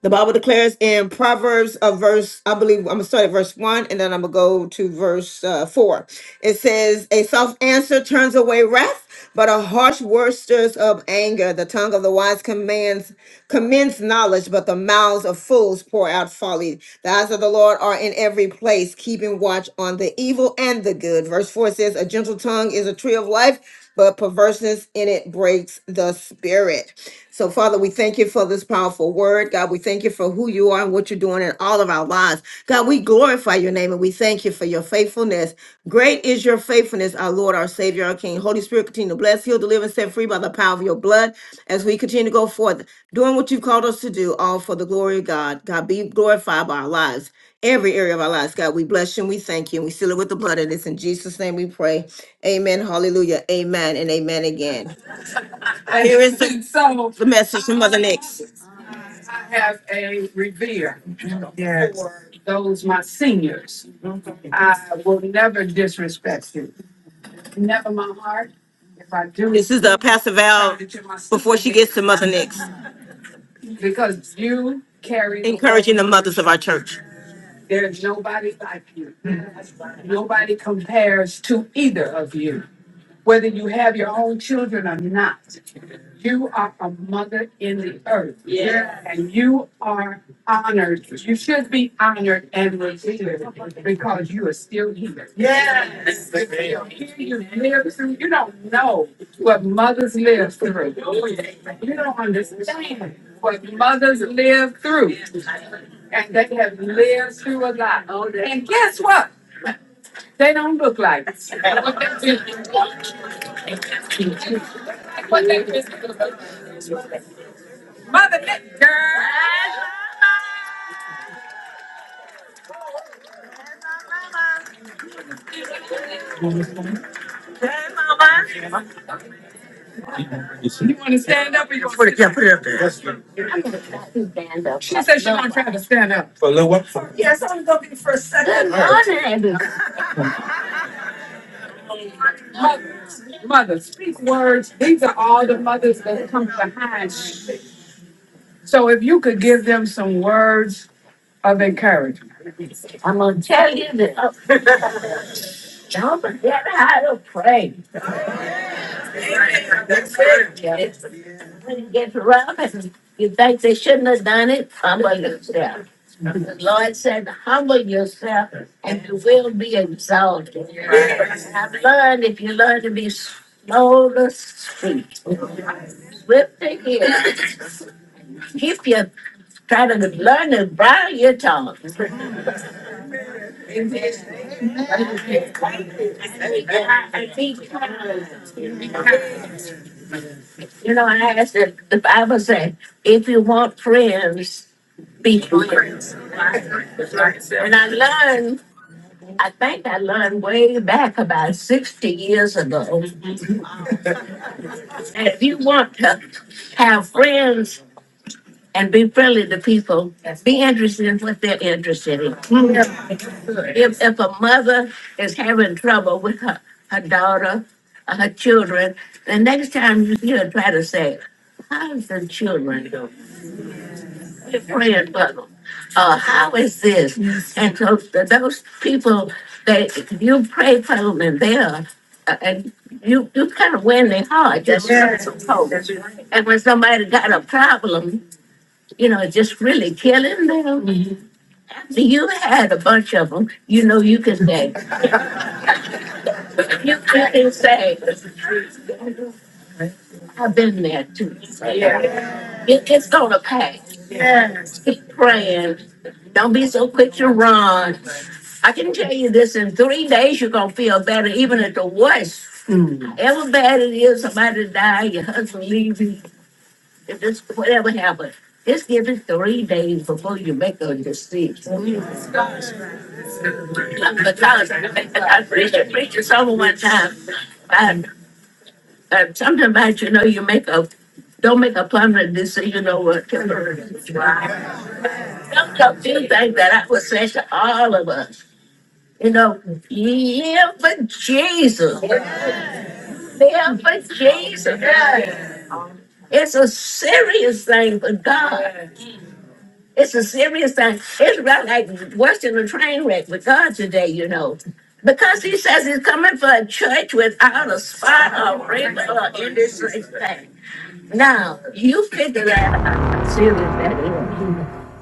S1: The Bible declares in Proverbs, a verse, I believe, I'm going to start at verse 1 and then I'm going to go to verse uh, 4. It says, A soft answer turns away wrath, but a harsh word stirs up anger. The tongue of the wise commands commends knowledge, but the mouths of fools pour out folly. The eyes of the Lord are in every place, keeping watch on the evil and the good. Verse 4 says, A gentle tongue is a tree of life, but perverseness in it breaks the spirit. So, Father, we thank you for this powerful word. God, we thank you for who who you are and what you're doing in all of our lives. God, we glorify your name and we thank you for your faithfulness. Great is your faithfulness, our Lord, our Savior, our King. Holy Spirit, continue to bless, heal, deliver, and set free by the power of your blood as we continue to go forth, doing what you've called us to do, all for the glory of God. God, be glorified by our lives, every area of our lives. God, we bless you and we thank you and we seal it with the blood of this. In Jesus' name we pray. Amen. Hallelujah. Amen and amen again. Here is the, so the message from Mother I, Nix. I have a revere for those my seniors. I will never disrespect you, never my heart. If I do. This is the Pastor Val before she gets to Mother Nix, Because you carry. the encouraging the mothers of our church. There's nobody like you. Nobody compares to either of you, whether you have your own children or not. You are a mother in the earth. Yes. And you are honored. You should be honored and revered because you are still here. Yes. Yes. You're still here. You live through, you don't know what mothers live through. You don't understand what mothers live through. And they have lived through a lot. And guess what? They don't look like us. what they do. What they do. Mother, that girl. You want to stand up or you want to sit yeah, down? put it. Stand up. She said she gonna try to stand up. For a little what? Good morning. Mothers, mothers, speak words. These are all the mothers that come behind you. So if you could give them some words of encouragement. I'm gonna tell you that uh, don't forget how to pray. That's it. Yeah. It's when it gets rough and you think they shouldn't have done it, humble yourself. The Lord said, humble yourself and you will be exalted. I've learned if you learn to be slow to speak, whip the ear, keep your, try to learn to bridle your tongue. And be kind. You know, I asked it, the Bible said, if you want friends, be kind. And I learned, I think I learned way back about sixty years ago And if you want to have friends and be friendly to people, be interested in what they're interested in. If, if a mother is having trouble with her, her daughter, or her children, the next time you hear, try to say, how's the children doing? Fred Butler, uh, how is this? Yes. And so th- those people that you pray for them and they're, uh, and you, you kind of win their heart. That's That's right. right. That's right. And when somebody got a problem, you know, just really killing them. Mhm. After you had a bunch of them, you know, you can say, you can say, I've been there too. Yeah. It, it's gonna pass. Keep praying. Don't be so quick to run. I can tell you this, in three days, you're gonna feel better, even at the worst. Mm. However bad it is, somebody die, your husband leave you, if this, whatever happened. Just give it three days before you make a decision. Because I, I preached, I preached to someone one time, and, and something about, you know, you make a, don't make a permanent decision over a temporary. Don't, don't do things that I would say to all of us, you know, live for Jesus. Yeah, for Jesus, yeah. it's a serious thing for God. It's a serious thing. It's about like watching a train wreck with God today, you know. Because he says he's coming for a church without a spot or wrinkle or industry thing. Now, you figure that out how serious that is.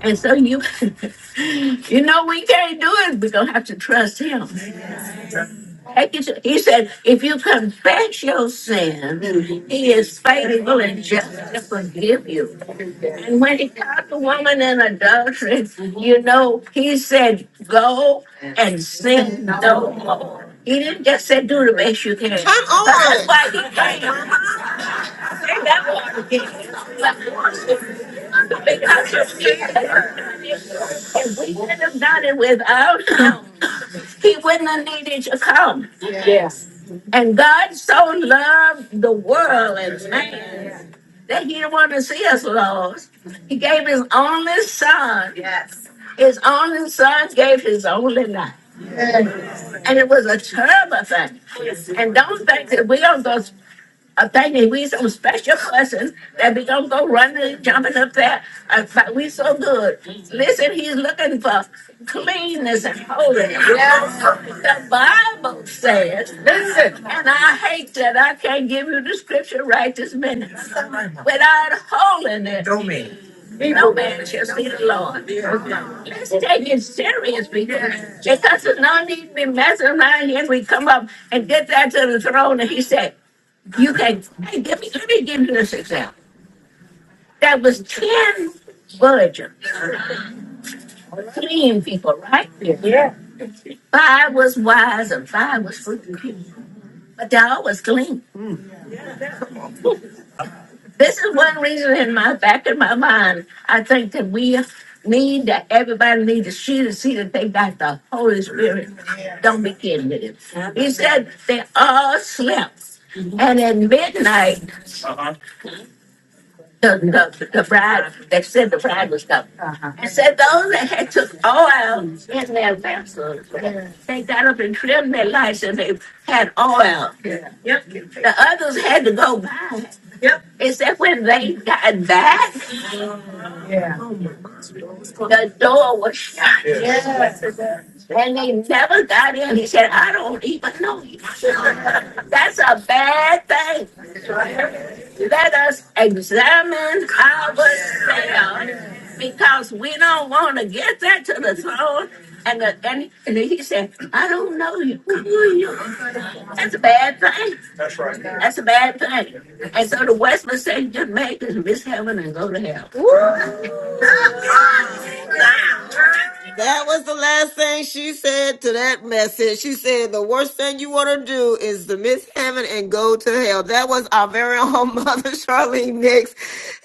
S1: And so you, you know, we can't do it. We're going to have to trust him. He s- he said, if you confess your sin, he is faithful and just to forgive you. And when he caught the woman in adultery, you know, he said, go and sin no more. He didn't just say, do the best you can. Come on. That's why he came. Say that one again. Because you're scared of her. If we could have done it without him, he wouldn't have needed to come. And God so loved the world and man that He didn't want to see us lost. He gave His only Son. His only Son gave His only life, and it was a terrible thing. And don't think that we don't go I think that we some special cousins that we gonna go running and jumping up there. I thought we so good. Listen, he's looking for cleanness and holiness. Yes. The Bible says, Listen. and I hate that I can't give you the scripture right this minute. Without holiness, no People. man shall see the Lord. Let's take it serious, people, because there's no need to be messing around here. We come up and get that to the throne, and he said. You can hey, give me, let me give you this example. That was 10 villagers, clean people, right? Five was wise and five was foolish. But they all was clean. This is one reason in my back of my mind, I think that we need that everybody needs to see to see that they got the Holy Spirit. Don't be kidding with him. He said they all slept. And at midnight the, the, the bride, they said the bride was coming. Uh-huh. And said those that had took oil in their vessels, they got up and trimmed their lights and they had oil. Yeah. The others had to go back. Yep. Except when they got back, yeah, the door was shut. Yeah. And they never got in. He said, I don't even know you. That's a bad thing. Let us examine ourselves because we don't want to get that to the throne. And, the, and, and he said, I don't know you. Who are you. That's a bad thing. That's a bad thing. And so the Westminster Church just make us miss heaven and go to hell. That was the last thing she said to that message. She said, The worst thing you want to do is to miss heaven and go to hell. That was our very own mother, Charlene Nix,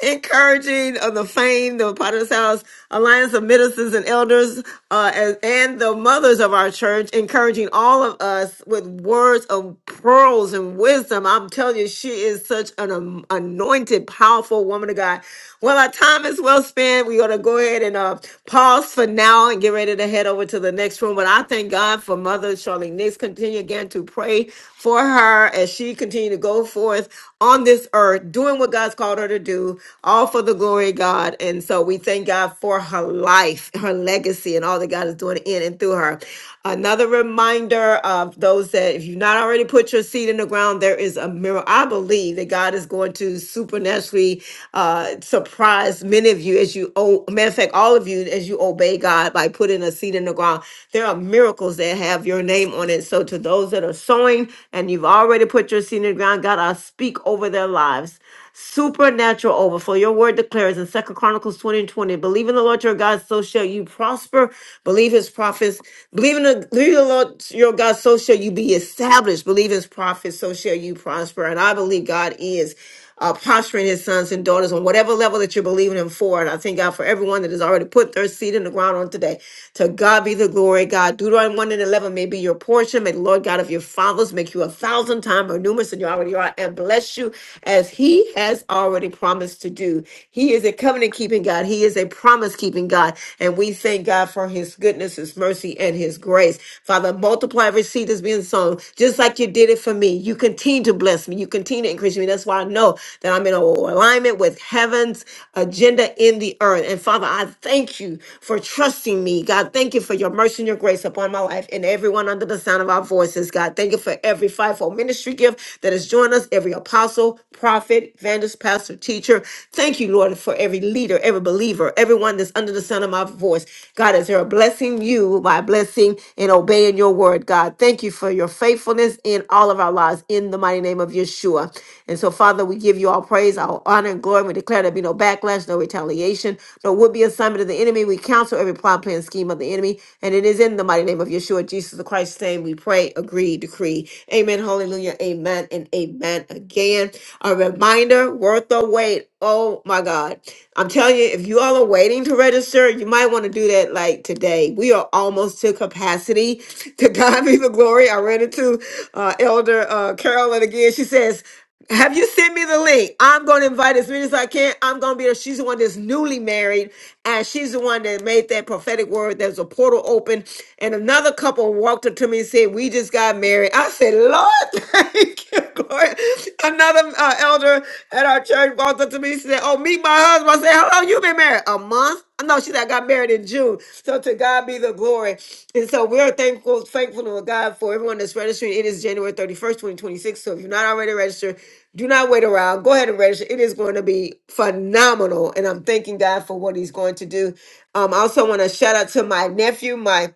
S1: encouraging of the fame, the Potter's House Alliance of Ministers and Elders, uh, and, and the mothers of our church, encouraging all of us with words of pearls and wisdom. I'm telling you, she is such an um, anointed, powerful woman of God. Well, I time is well spent. We are going to go ahead and uh, pause for now and get ready to head over to the next room. But I thank God for Mother Charlene Nix. Continue again to pray for her as she continue to go forth on this earth, doing what God's called her to do, all for the glory of God. And so we thank God for her life, her legacy, and all that God is doing in and through her. Another reminder of those that if you've not already put your seed in the ground, there is a miracle. I believe that God is going to supernaturally uh, surprise many of you as you, oh, matter of fact, all of you as you obey God by putting a seed in the ground. There are miracles that have your name on it. So to those that are sowing and you've already put your seed in the ground, God, I speak over their lives supernatural overflow. Your word declares in Second Chronicles 20 and 20, believe in the Lord your God, so shall you prosper. Believe his prophets. Believe in the, believe the Lord your God, so shall you be established. Believe his prophets, so shall you prosper. And I believe God is uh, posturing his sons and daughters on whatever level that you're believing him for. And I thank God for everyone that has already put their seed in the ground on today. To God be the glory, God. Deuteronomy 1 and 11 may be your portion. May the Lord God of your fathers make you a thousand times more numerous than you already are. and bless you as He has already promised to do. He is a covenant keeping God, He is a promise keeping God. And we thank God for His goodness, His mercy, and His grace. Father, multiply every seed that's being sown, just like you did it for me. You continue to bless me, you continue to increase me. That's why I know that I'm in alignment with heaven's agenda in the earth. And Father, I thank you for trusting me. God, thank you for your mercy and your grace upon my life and everyone under the sound of our voices. God, thank you for every fivefold ministry ministry gift that has joined us, every apostle, prophet, evangelist, pastor, teacher. Thank you, Lord, for every leader, every believer, everyone that's under the sound of my voice. God, is there a blessing you by blessing and obeying your word, God? Thank you for your faithfulness in all of our lives in the mighty name of Yeshua. And so, Father, we give you all praise, all honor, and glory. We declare there be no backlash, no retaliation, no would be assignment of the enemy. We counsel every plot, plan, scheme of the enemy. And it is in the mighty name of Yeshua, Jesus Christ's name, we pray, agreed decree, decree. Amen. Hallelujah. Amen and amen again. A reminder worth the wait. Oh my God. I'm telling you, if you all are waiting to register, you might want to do that like today. We are almost to capacity. To God be the glory. I ran into uh, Elder uh, Carolyn again. She says, have you sent me the link? I'm going to invite as many as I can. I'm going to be there. She's the one that's newly married, and she's the one that made that prophetic word. There's a portal open, and another couple walked up to me and said, "We just got married." I said, "Lord, thank you, Glory." Another uh, elder at our church walked up to me and said, "Oh, meet my husband." I said, "Hello, long you been married? A month? No, she said I got married in June. So to God be the glory. And so we're thankful, thankful to God for everyone that's registering. It is January 31st, 2026. So if you're not already registered, do not wait around. Go ahead and register. It is going to be phenomenal. And I'm thanking God for what he's going to do. Um, I also want to shout out to my nephew, my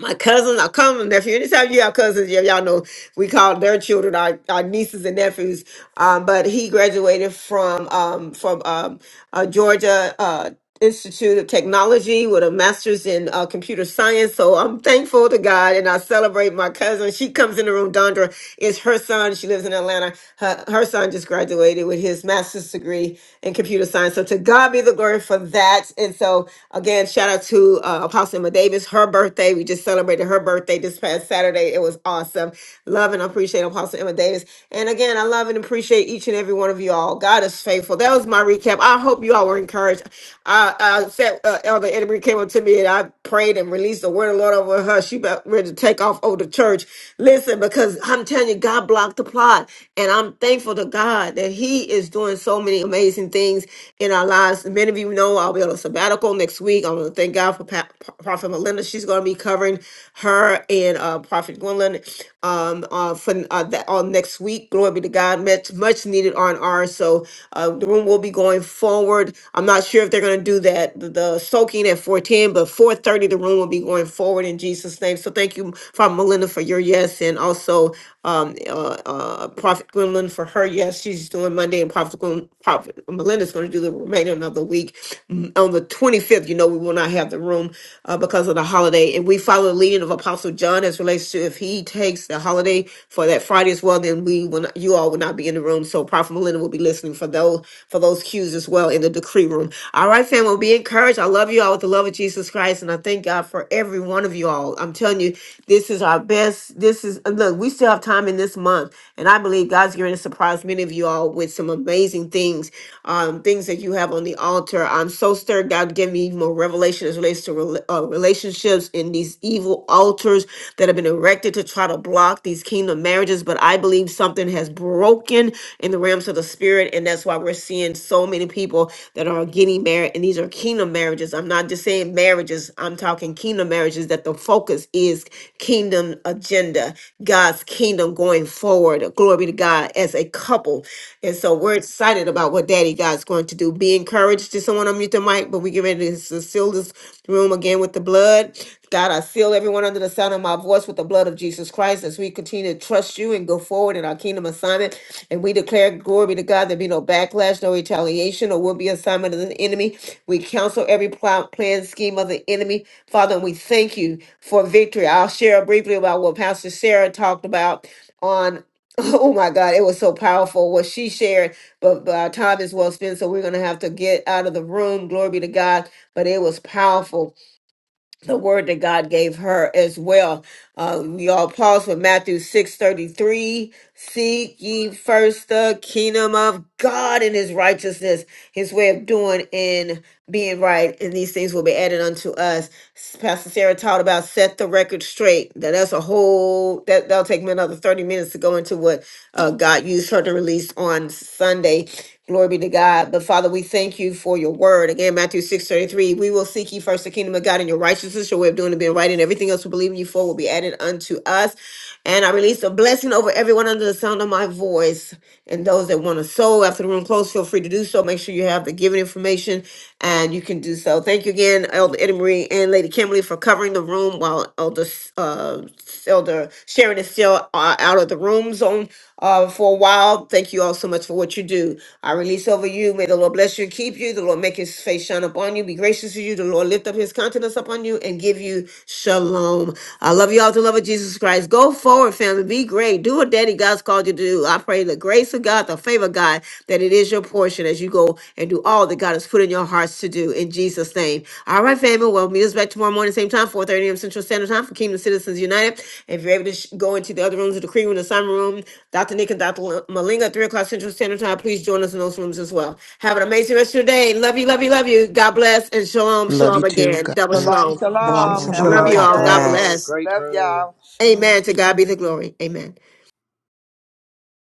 S1: my cousins, our common nephew. Anytime you have cousins, y- y'all know we call their children our, our nieces and nephews. Um, but he graduated from um, from um, uh, Georgia uh, Institute of Technology with a master's in uh, computer science. So I'm thankful to God, and I celebrate my cousin. She comes in the room. Dondra is her son. She lives in Atlanta. Her, her son just graduated with his master's degree in computer science. So to God be the glory for that. And so again, shout out to uh, Apostle Emma Davis, her birthday. We just celebrated her birthday this past Saturday. It was awesome. Love and appreciate Apostle Emma Davis. And again, I love and appreciate each and every one of you all. God is faithful. That was my recap. I hope you all were encouraged. I, I said, uh, Elder Edmund came up to me and I prayed and released the word of the Lord over her. She about ready to take off over the church. Listen, because I'm telling you, God blocked the plot. And I'm thankful to God that He is doing so many amazing things in our lives. Many of you know I'll be on a sabbatical medical next week. I want to thank God for pa- Prophet Melinda. She's going to be covering her and uh, Prophet Gwendolyn um, uh, for uh, that on next week. Glory be to God. Much much needed R and R. So uh, the room will be going forward. I'm not sure if they're going to do that the, the soaking at 4:10, but 4:30 the room will be going forward in Jesus' name. So thank you, Prophet Melinda, for your yes, and also um, uh, uh, Prophet Gwendolyn for her yes. She's doing Monday, and Prophet Gwen, Prophet Melinda's going to do the remainder another week. Mm, On the 25th, you know, we will not have the room uh, because of the holiday. And we follow the leading of Apostle John as relates to if he takes the holiday for that Friday as well, then we will not, you all will not be in the room. So Prophet Melinda will be listening for those for those cues as well in the decree room. All right, fam, we'll be encouraged. I love you all with the love of Jesus Christ, and I thank God for every one of you all. I'm telling you, this is our best. This is and look, we still have time in this month, and I believe God's going to surprise many of you all with some amazing things things, um, things that you have on the altar. I'm so stirred. God, give me more revelation as relates to rela- uh, relationships in these evil altars that have been erected to try to block these kingdom marriages. But I believe something has broken in the realms of the spirit, and that's why we're seeing so many people that are getting married, and these are kingdom marriages. I'm not just saying marriages. I'm talking kingdom marriages. That the focus is kingdom agenda, God's kingdom going forward. Glory be to God as a couple couple. And so we're excited about what Daddy God's going to do. Be encouraged. Did someone unmute the mic? But we get ready to s- seal this room again with the blood. God, I seal everyone under the sound of my voice with the blood of Jesus Christ as we continue to trust you and go forward in our kingdom assignment. And we declare glory be to God, there be no backlash, no retaliation, or will be assignment of the enemy. We counsel every pl- plan, scheme of the enemy. Father, and we thank you for victory. I'll share briefly about what Pastor Sarah talked about on. Oh my God, it was so powerful what she shared. But, but our time is well spent, so we're going to have to get out of the room. Glory be to God. But it was powerful, the word that God gave her as well. Uh, we all pause for Matthew six thirty three. Seek ye first the kingdom of God and his righteousness, his way of doing, in being right, and these things will be added unto us. S- Pastor Sarah taught about set the record straight. That that's a whole that that'll take me another thirty minutes to go into what uh, God used her to release on Sunday. Glory be to God. But Father, we thank you for your word. Again, Matthew six thirty three. We will seek ye first the kingdom of God and your righteousness, your way of doing and being right, and everything else we believe in you for will be added unto us. And I release a blessing over everyone under the sound of my voice and those that want to sow after the room closes, feel free to do so. Make sure you have the giving information and you can do so. Thank you again, Elder Eddie Marie and Lady Kimberly, for covering the room while Elder, uh, Elder Sharon is still uh, out of the room zone uh, for a while. Thank you all so much for what you do. I release over you. May the Lord bless you and keep you. The Lord make his face shine upon you, be gracious to you. The Lord lift up his countenance upon you and give you shalom. I love you all to the love of Jesus Christ. Go forward forward, family. Be great. Do what Daddy God's called you to do. I pray the grace of God, the favor of God, that it is your portion as you go and do all that God has put in your hearts to do in Jesus' name. All right, family. Well, meet us back tomorrow morning, same time, four thirty a.m. Central Standard Time for Kingdom Citizens United. If you're able to sh- go into the other rooms the Cream Room, the Simon Room, Dr. Nick and Dr. L- Malinga, 3 o'clock Central Standard Time, please join us in those rooms as well. Have an amazing rest of your day. Love you, love you, love you. God bless and shalom,
S2: Love you
S1: shalom
S2: too.
S1: again.
S2: God
S1: Double
S2: bless.
S3: salam.
S1: shalom.
S2: And
S13: Shalom,
S3: shalom.
S2: shalom,
S3: Have a
S1: Love
S13: shalom.
S2: shalom.
S10: Shalom,
S1: you
S3: great
S13: God
S1: all. God
S3: day.
S10: shalom.
S13: bless.
S1: bless.
S10: Great
S3: Love
S10: room.
S3: y'all.
S11: Shalom,
S1: Amen. To God be the
S11: shalom.
S1: glory. Amen.